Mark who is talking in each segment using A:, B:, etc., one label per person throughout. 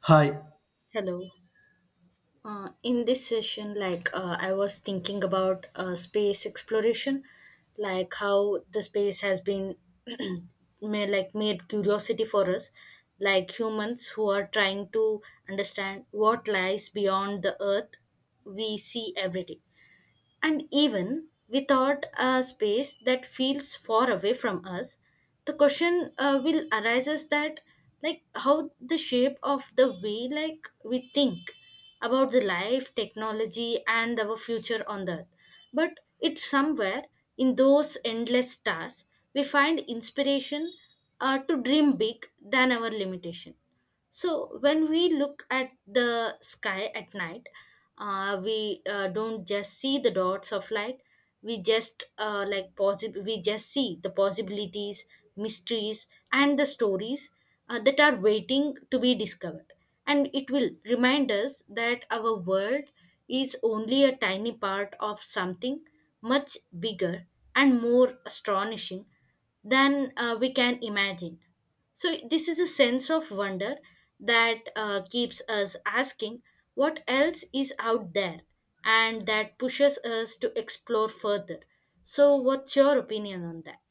A: Hi.
B: Hello. In this session, I was thinking about space exploration, like how the space has been made, like made curiosity for us, like humans who are trying to understand what lies beyond the Earth we see every day. And even without a space that feels far away from us, the question will arises that like how the shape of the way like we think about the life, technology and our future on the earth. But it's somewhere in those endless stars we find inspiration to dream big than our limitation. So when we look at the sky at night, we don't just see the dots of light. We just We just see the possibilities, mysteries, and the stories that are waiting to be discovered. And it will remind us that our world is only a tiny part of something much bigger and more astonishing than we can imagine. So, this is a sense of wonder that keeps us asking what else is out there and that pushes us to explore further. So, what's your opinion on that?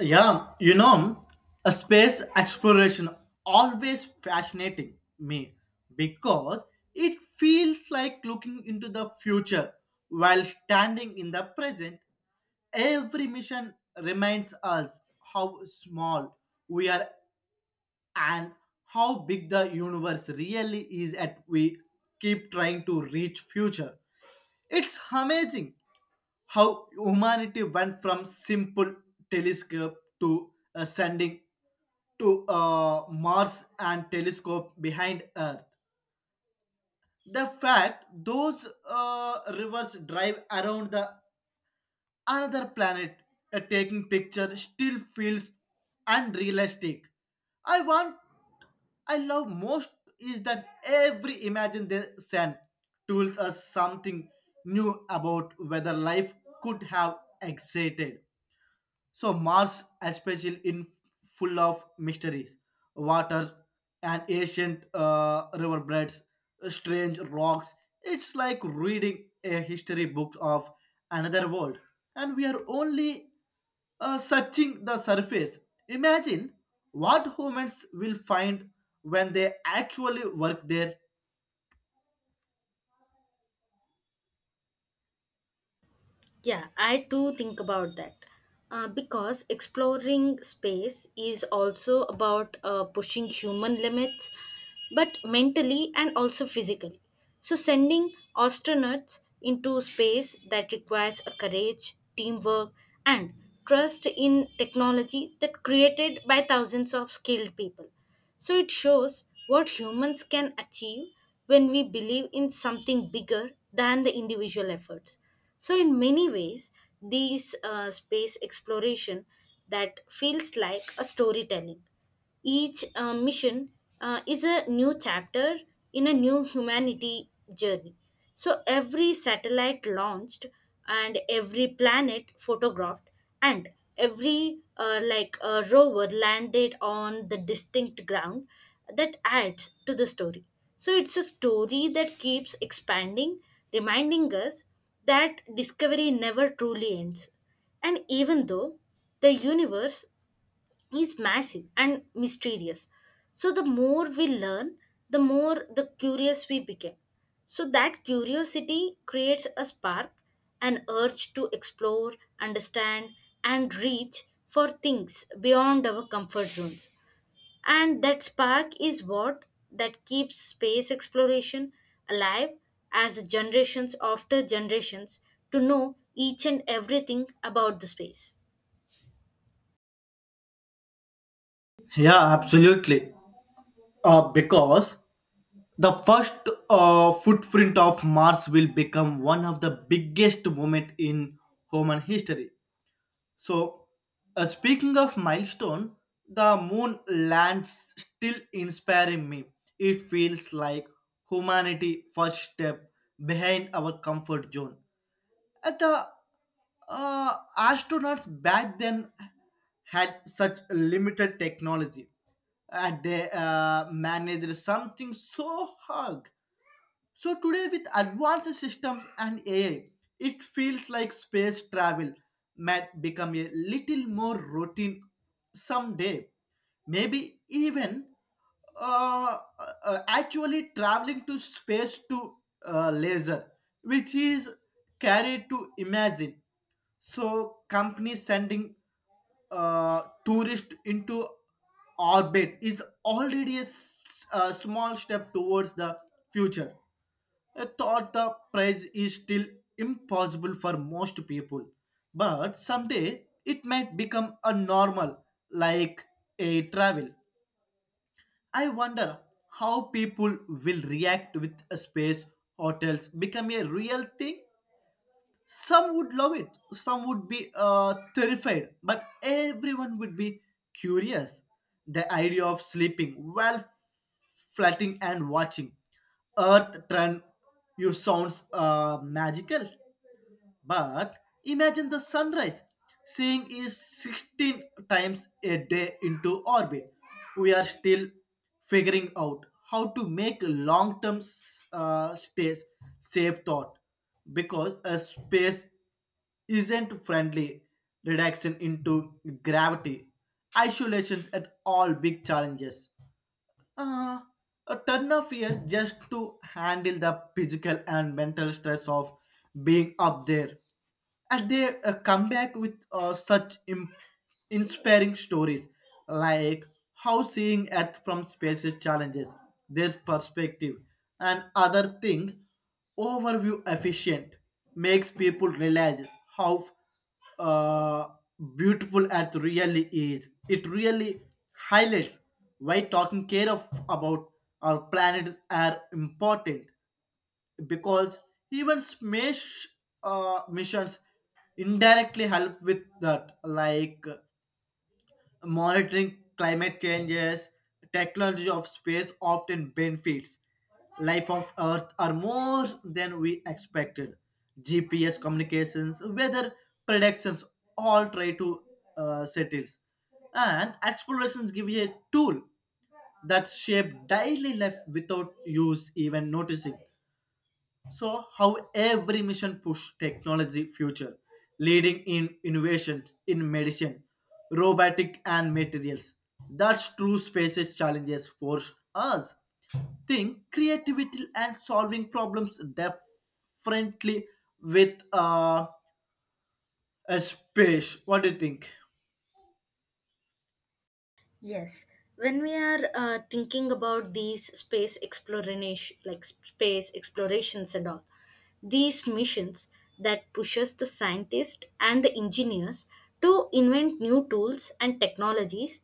A: Yeah, you know, a space exploration always fascinating me because it feels like looking into the future while standing in the present. Every mission reminds us how small we are and how big the universe really is at we keep trying to reach future it's amazing how humanity went from simple telescope to sending to Mars and telescope behind Earth. The fact those rivers drive around the another planet a taking picture still feels unrealistic I want I love most is that every imagine they send tells us something new about whether life could have existed so Mars, especially in full of mysteries, water and ancient riverbeds, strange rocks. It's like reading a history book of another world, and we are only searching the surface. Imagine what humans will find when they actually work there.
B: Yeah, I too think about that. Because exploring space is also about pushing human limits, but mentally and also physically. So, sending astronauts into space that requires a courage, teamwork, and trust in technology that created by thousands of skilled people. So it shows what humans can achieve when we believe in something bigger than the individual efforts. So, in many ways, these space exploration that feels like a storytelling each mission is a new chapter in a new humanity journey. So every satellite launched and every planet photographed and every rover landed on the distinct ground that adds to the story. So it's a story that keeps expanding, reminding us that discovery never truly ends. And even though the universe is massive and mysterious. So the more we learn, the more the curious we became. So that curiosity creates a spark, an urge to explore, understand, and reach for things beyond our comfort zones. And that spark is what that keeps space exploration alive as generations after generations to know each and everything about the space.
A: Yeah, absolutely. Because the first footprint of Mars will become one of the biggest moments in human history. So, Speaking of milestone, the moon lands still inspiring me. It feels like humanity first step behind our comfort zone. At the astronauts back then had such limited technology and they managed something so hard so today with advanced systems and AI, it feels like space travel might become a little more routine someday. Maybe even uh, actually traveling to space to laser, which is carried to imagine. So companies sending tourist into orbit is already a small step towards the future. I thought the price is still impossible for most people, but someday it might become a normal like a travel. I wonder how people will react with space hotels become a real thing some would love it, some would be terrified, but everyone would be curious. The idea of sleeping while flatting and watching Earth turn you sounds magical. But imagine the sunrise. Seeing is 16 times a day into orbit. We are still figuring out how to make long term space safe thought because a space isn't friendly reduction into gravity isolations at all big challenges uh, a ton of years just to handle the physical and mental stress of being up there. And they come back with such inspiring stories like how seeing Earth from space's challenges, their perspective, and other thing, overview efficient makes people realize how uh, beautiful earth really is. It really highlights why talking care of about our planets are important because even space missions indirectly help with that. Like monitoring climate changes, technology of space often benefits life of Earth are more than we expected. GPS communications, weather predictions, all try to settle. And explorations give you a tool that shape daily life without use even noticing. So how every mission push technology future, leading in innovations in medicine, robotic and materials. That's true spaces challenges force us. Think creativity and solving problems differently with a space. What do you think?
B: Yes, when we are thinking about these space exploration, like space explorations and all, these missions that pushes the scientists and the engineers to invent new tools and technologies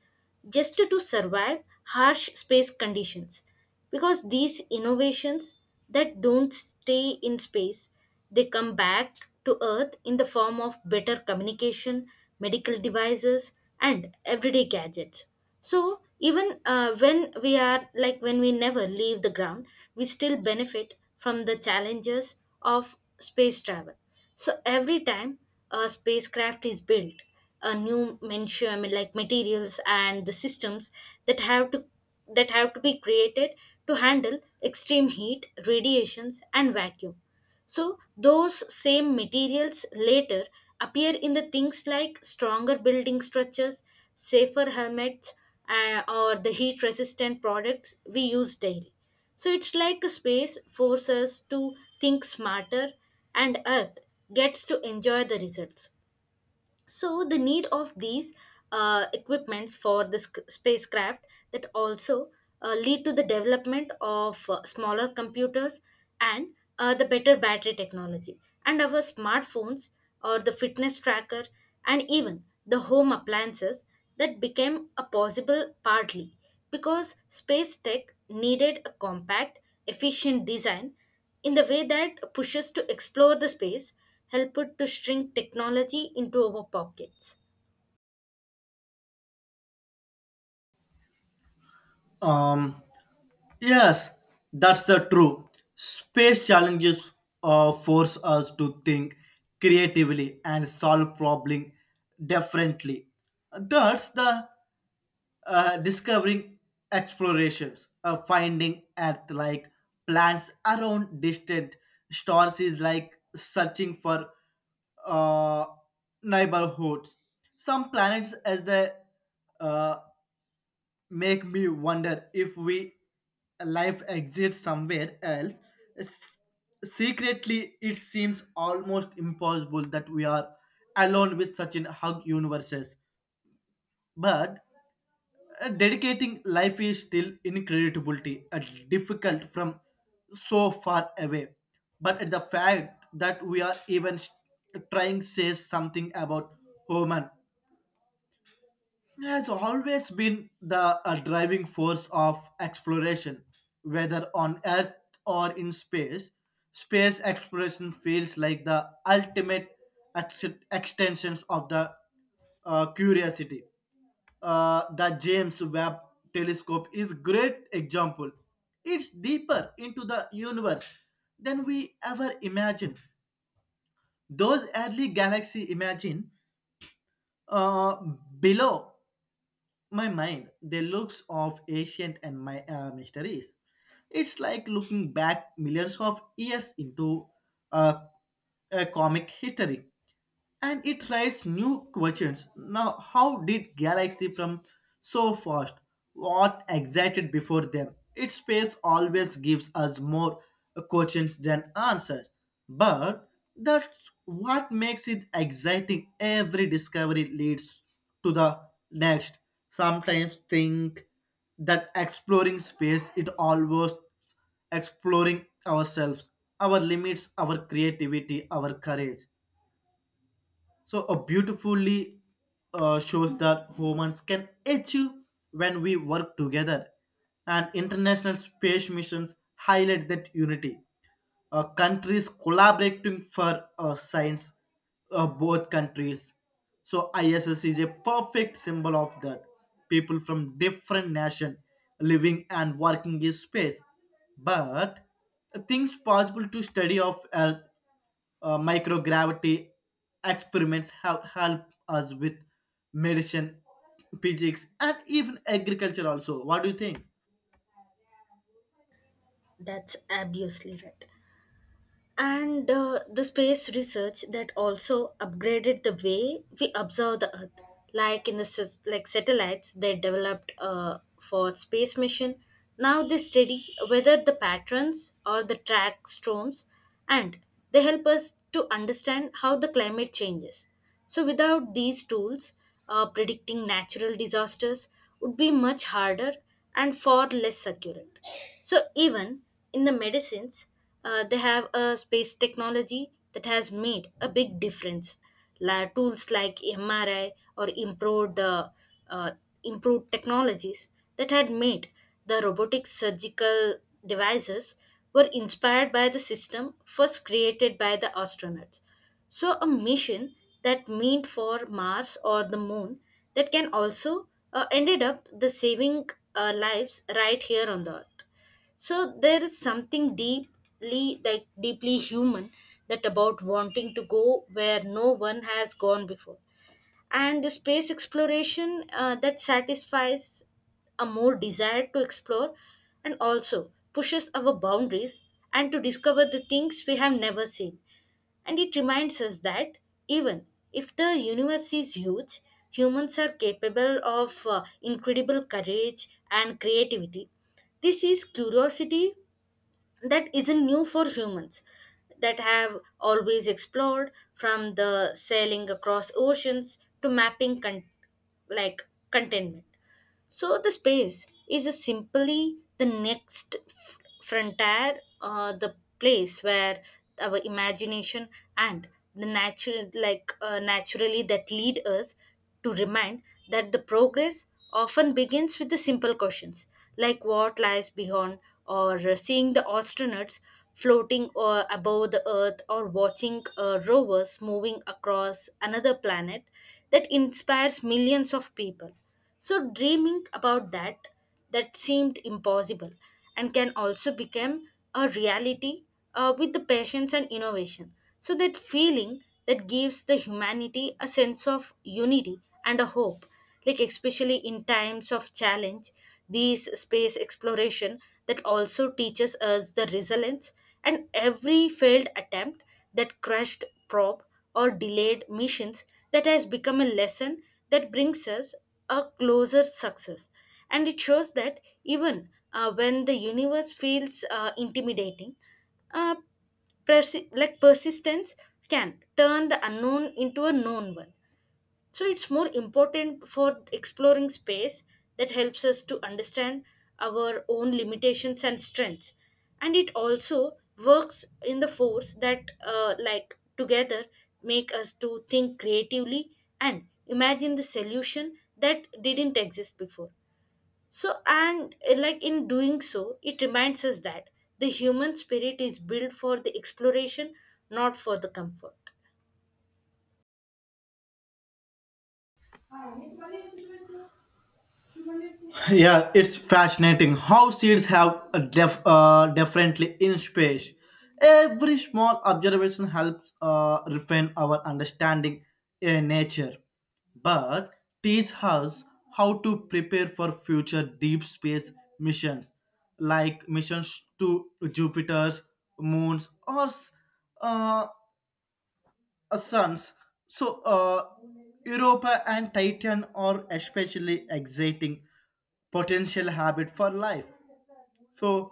B: just to survive harsh space conditions because these innovations that don't stay in space they come back to Earth in the form of better communication, medical devices, and everyday gadgets. So, even when we are like when we never leave the ground, we still benefit from the challenges of space travel. So, every time a spacecraft is built, a new mention I mean, like materials and the systems that have to that have to be created to handle extreme heat, radiations, and vacuum. So, those same materials later appear in the things like stronger building structures, safer helmets, or the heat resistant products we use daily. So, it's like a space forces us to think smarter, and Earth gets to enjoy the results so the need of these equipments for the spacecraft that also lead to the development of smaller computers and the better battery technology and our smartphones or the fitness tracker and even the home appliances that became a possible partly because space tech needed a compact efficient design in the way that pushes to explore the space, help it to shrink technology into our pockets.
A: Um Yes, that's the true. Space challenges force us to think creatively and solve problem differently. That's the discovering explorations, finding Earth like plants around distant stars is like searching for uh, neighborhoods. Some planets as the uh, make me wonder if we life exists somewhere else. S- Secretly, it seems almost impossible that we are alone with such a hug universes. But dedicating life is still incredibility and difficult from so far away. But at the fact that we are even trying says something about human has always been the driving force of exploration, whether on Earth or in space. Space exploration feels like the ultimate ex- extensions of the curiosity. The James Webb Telescope is a great example. It's deeper into the universe than we ever imagined. Those early galaxy imagine uh, below my mind the looks of ancient and my mysteries it's like looking back millions of years into a, a comic history and it raises new questions. Now, how did galaxy from so fast? What excited before them? Its space always gives us more questions than answers, but that's what makes it exciting. Every discovery leads to the next. Sometimes think that exploring space it almost exploring ourselves, our limits, our creativity, our courage so a beautifully shows that humans can achieve when we work together. And international space missions highlight that unity. Countries collaborating for science, both countries. So ISS is a perfect symbol of that. People from different nation living and working in space. But things possible to study of Earth microgravity experiments have helped us with medicine, physics, and even agriculture. Also, what do you think?
B: That's obviously right. And the space research that also upgraded the way we observe the Earth, like in the like satellites they developed for space mission. Now they study whether the patterns or the track storms, and they help us to understand how the climate changes. So, without these tools, predicting natural disasters would be much harder and far less accurate. So, even in the medicines, they have a space technology that has made a big difference. La- tools like MRI or uh, improved technologies that had made the robotic surgical devices were inspired by the system first created by the astronauts. So, a mission that meant for Mars or the moon that can also ended up the saving lives right here on the earth. So, there is something deeply human, that about wanting to go where no one has gone before. And the space exploration that satisfies a more desire to explore and also pushes our boundaries and to discover the things we have never seen. And it reminds us that even if the universe is huge, humans are capable of incredible courage and creativity. This is curiosity that isn't new for humans, that have always explored from the sailing across oceans to mapping like contentment. So the space is a simply the next frontier, the place where our imagination and the naturally, that lead us to remind that the progress often begins with the simple questions like what lies beyond, or seeing the astronauts floating above the earth, or watching rovers moving across another planet that inspires millions of people. So dreaming about that that seemed impossible and can also become a reality with the patience and innovation. So that feeling that gives the humanity a sense of unity and a hope, like especially in times of challenge, these space exploration that also teaches us the resilience and every failed attempt that crushed probe or delayed missions that has become a lesson that brings us a closer success. And it shows that even when the universe feels intimidating, uh, persistence can turn the unknown into a known one. So it's more important for exploring space that helps us to understand our own limitations and strengths. And it also works in the force that, like, together make us to think creatively and imagine the solution that didn't exist before. So, and like in doing so, it reminds us that the human spirit is built for the exploration, not for the comfort.
A: Yeah, it's fascinating how seeds have a differently in space. Every small observation helps refine our understanding in nature, but teach us how to prepare for future deep space missions, like missions to Jupiter's moons or uh, suns. So, uh, Europa and Titan are especially exciting potential habit for life. So,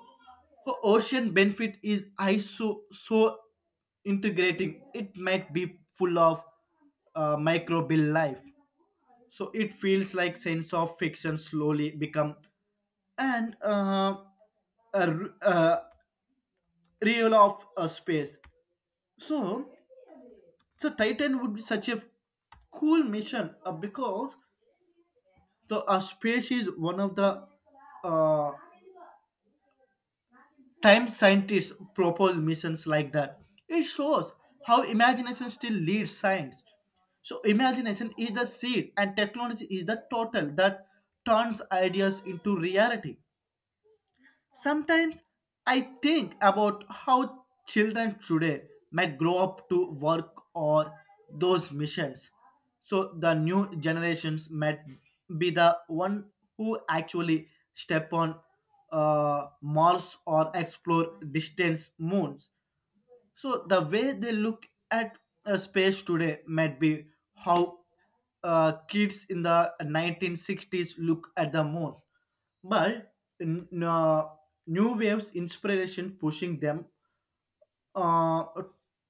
A: the ocean benefit is ISO so integrating. It might be full of microbial life. So it feels like sense of fiction slowly become an uh, a real of a space. So So Titan would be such a cool mission because the space is one of the uh, time scientists propose missions like that. It shows how imagination still leads science. So imagination is the seed and technology is the total that turns ideas into reality. Sometimes I think about how children today might grow up to work or those missions. So the new generations might be the one who actually step on Mars or explore distant moons. So the way they look at space today might be how kids in the 1960s look at the moon, but n- uh, new waves inspiration pushing them uh,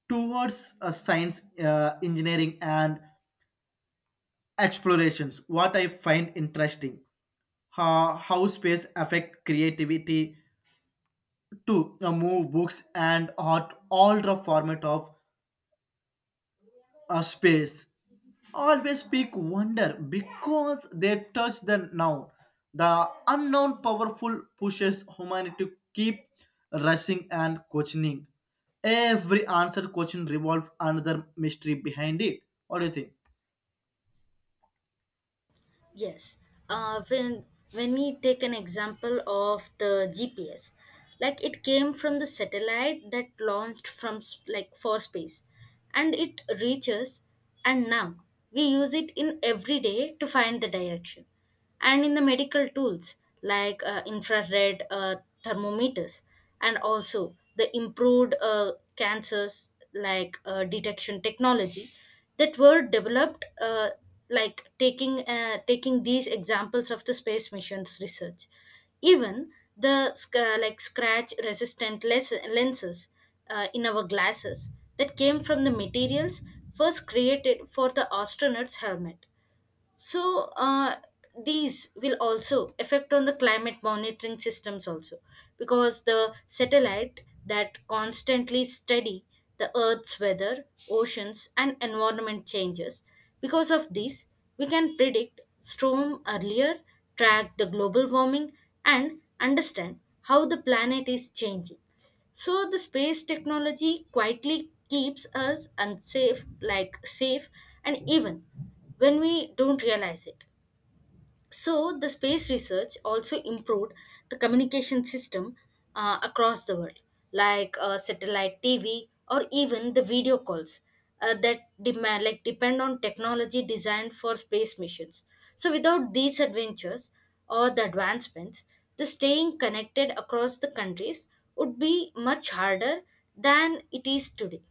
A: towards science, engineering, and explorations. What I find interesting how space affect creativity to move books and art all the format of a space always speak wonder because they touch the now the unknown powerful pushes humanity to keep rushing and questioning every answer question revolves another mystery behind it what do you think
B: Yes. Uh, when when we take an example of the GPS, like it came from the satellite that launched from like for space, and it reaches, and now we use it in every day to find the direction and in the medical tools like infrared thermometers and also the improved cancers like detection technology that were developed taking these examples of the space missions research even the like scratch resistant lenses in our glasses that came from the materials first created for the astronaut's helmet so these will also affect on the climate monitoring systems also because the satellite that constantly study the earth's weather oceans and environment changes because of this we can predict storm earlier track the global warming and understand how the planet is changing so the space technology quietly keeps us unsafe, like safe, and even when we don't realize it. So, the space research also improved the communication system across the world, like satellite TV or even the video calls that demand like depend on technology designed for space missions. So, without these adventures or the advancements, the staying connected across the countries would be much harder than it is today.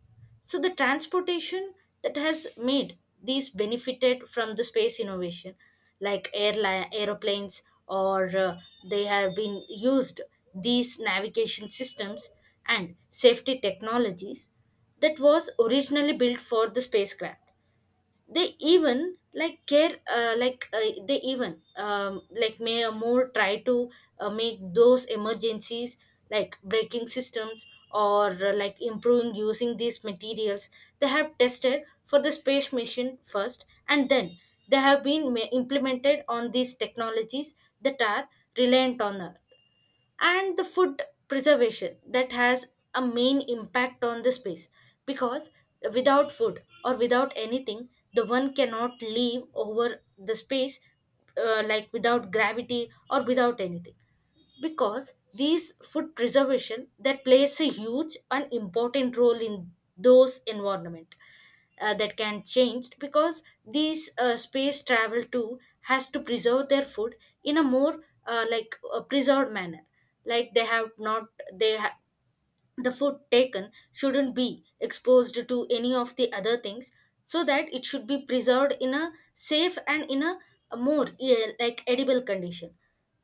B: So the transportation that has made these benefited from the space innovation, like airline aeroplanes, or they have been used these navigation systems and safety technologies that was originally built for the spacecraft they even like care like they even like may more try to make those emergencies like breaking systems or like improving using these materials they have tested for the space mission first and then they have been implemented on these technologies that are reliant on earth and the food preservation that has a main impact on the space because without food or without anything the one cannot live over the space like without gravity or without anything because these food preservation that plays a huge and important role in those environment that can change because these space travel too has to preserve their food in a more a preserved manner like they have not they ha- the food taken shouldn't be exposed to any of the other things so that it should be preserved in a safe and in a, more edible condition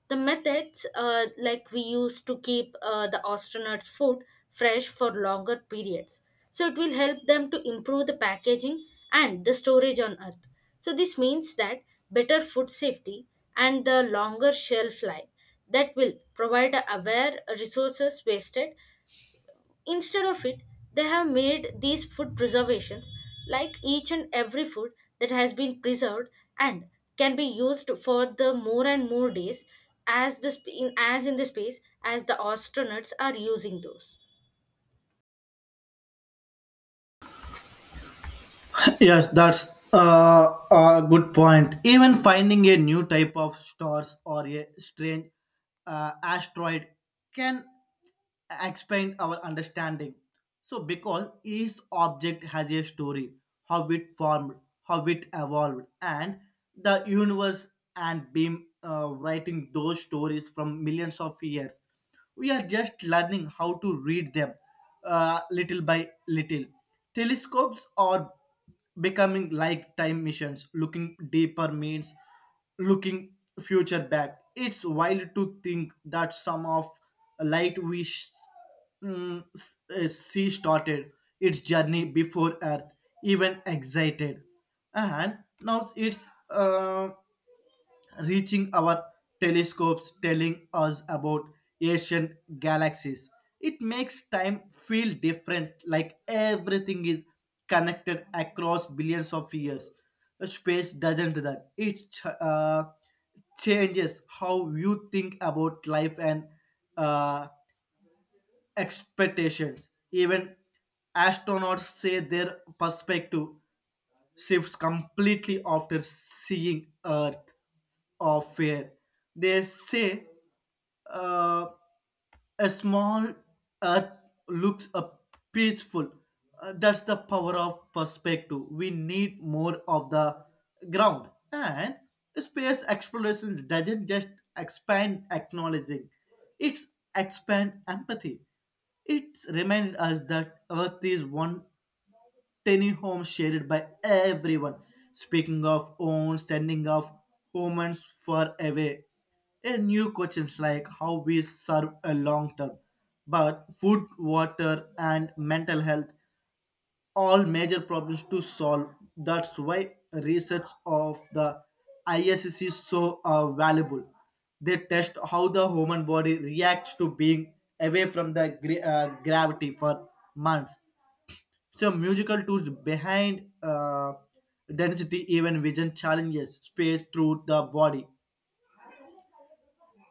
B: the methods like we use to keep the astronauts food fresh for longer periods so it will help them to improve the packaging and the storage on earth so this means that better food safety and the longer shelf life that will provide aware resources wasted. Instead of it, they have made these food preservations like each and every food that has been preserved and can be used for the more and more days as as in the space as the astronauts are using those.
A: Yes, that's a good point. Even finding a new type of stars or a strange asteroid can expand our understanding. So, because each object has a story, how it formed, how it evolved, and the universe and being writing those stories from millions of years. We are just learning how to read them little by little. Telescopes are becoming like time missions looking deeper means looking future back it's wild to think that some of light we see started its journey before earth even excited and now it's reaching our telescopes telling us about ancient galaxies it makes time feel different like everything is connected across billions of years space doesn't do that it uh, changes how you think about life and uh, expectations even astronauts say their perspective shifts completely after seeing Earth of Fear. They say uh, a small Earth looks peaceful. That's the power of perspective. We need more of the ground. And space explorations doesn't just expand acknowledging, it's expand empathy. It reminds us that Earth is one tiny home shared by everyone. Speaking of own, sending of humans far away, a new questions like how we serve a long term, but food, water, and mental health all major problems to solve. That's why research of the ISS is so valuable. They test how the human body reacts to being away from the gravity for months so musical tools behind density, even vision challenges space through the body,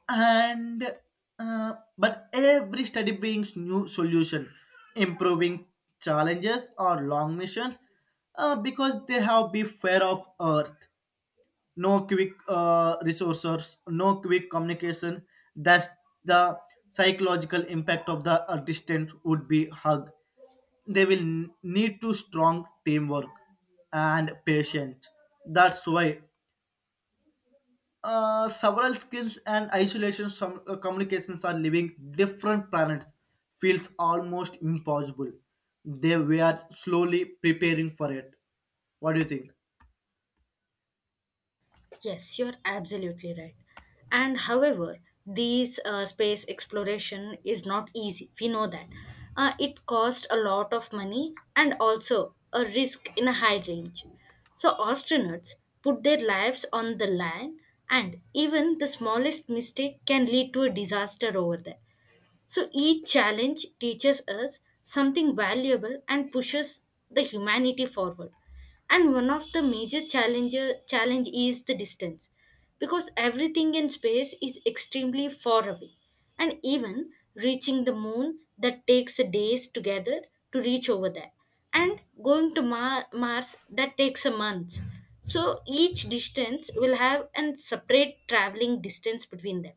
A: and but every study brings new solution, improving challenges or long missions, because they have be fair of Earth no quick resources, no quick communication. That's the psychological impact of the distance would be hug. They will need to strong teamwork and patience. That's why several skills and isolation some, communications are living different planets feels almost impossible. They were slowly preparing for it. What do you think?
B: Yes, you're absolutely right. And however, these space exploration is not easy. We know that. It cost a lot of money and also a risk in a high range. So astronauts put their lives on the line and even the smallest mistake can lead to a disaster over there. So each challenge teaches us something valuable and pushes the humanity forward. And one of the major challenge is the distance because everything in space is extremely far away and even reaching the moon that takes days together to reach over there and going to mars that takes a month so each distance will have a separate traveling distance between them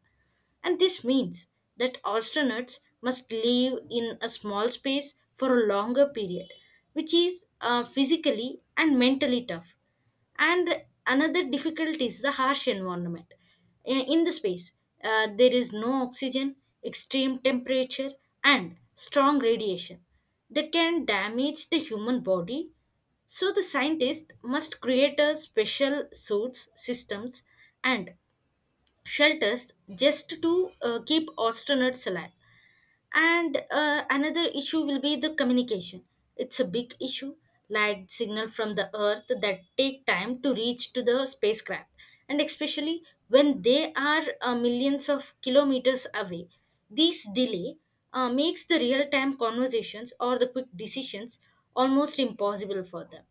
B: and this means that astronauts must live in a small space for a longer period, which is physically and mentally tough. And another difficulty is the harsh environment. In the space, there is no oxygen, extreme temperature, and strong radiation that can damage the human body so the scientists must create a special suits systems and shelters just to keep astronauts alive. And another issue will be the communication. It's a big issue, like signal from the Earth that take time to reach to the spacecraft, and especially when they are millions of kilometers away. This delay makes the real-time conversations or the quick decisions almost impossible for them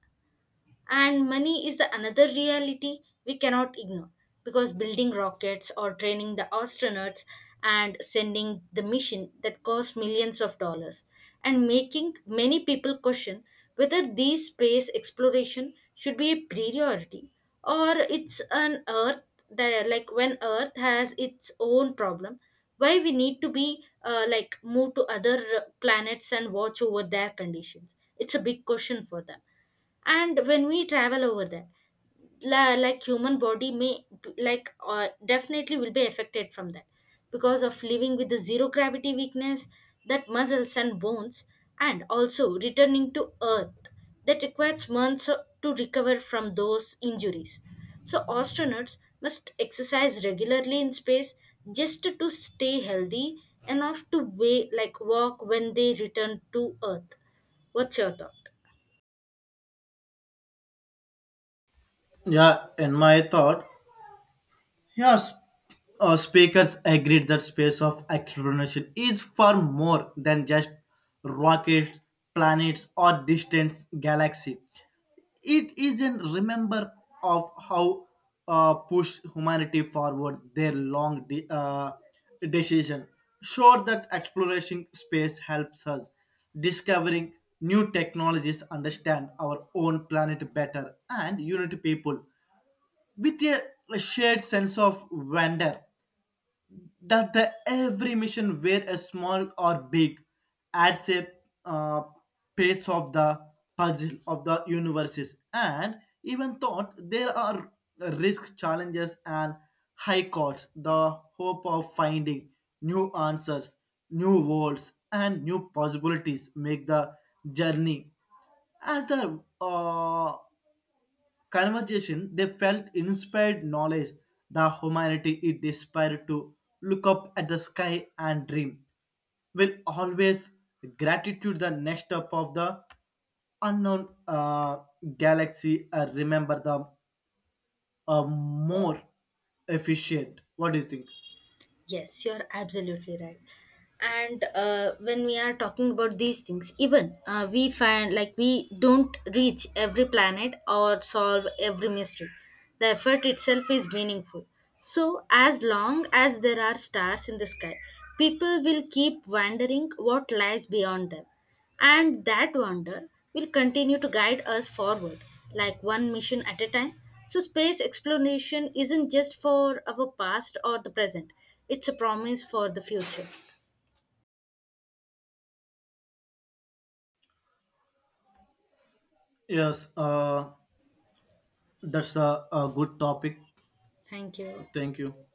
B: and money is the another reality we cannot ignore because building rockets or training the astronauts and sending the mission that cost millions of dollars and making many people question whether these space exploration should be a priority or it's an earth that like when earth has its own problem why we need to be like move to other planets and watch over their conditions it's a big question for them and when we travel over there like human body may like definitely will be affected from that because of living with the zero gravity weakness that muscles and bones and also returning to earth that requires months to recover from those injuries so astronauts must exercise regularly in space just to stay healthy enough to way like walk when they return to earth. What's your thought?
A: Yeah, in my thought, yes, speakers agreed that space of exploration is far more than just rockets, planets, or distant galaxy. It is a remember of how push humanity forward their long decision. Sure that exploration space helps us discovering new technologies, understand our own planet better, and unite people with shared sense of wonder that the every mission where a small or big adds a uh, piece of the puzzle of the universes and even thought there are risk challenges and high costs the hope of finding new answers new worlds and new possibilities make the journey as the conversation they felt inspired knowledge the humanity it desired to look up at the sky and dream will always gratitude the next up of the unknown galaxy remember the more efficient what do you think
B: Yes, you're absolutely right. And when we are talking about these things, even we find like we don't reach every planet or solve every mystery. The effort itself is meaningful. So, as long as there are stars in the sky, people will keep wondering what lies beyond them. And that wonder will continue to guide us forward, like one mission at a time. So, space exploration isn't just for our past or the present, it's a promise for the future.
A: yes that's a good topic
B: Thank you.
A: thank you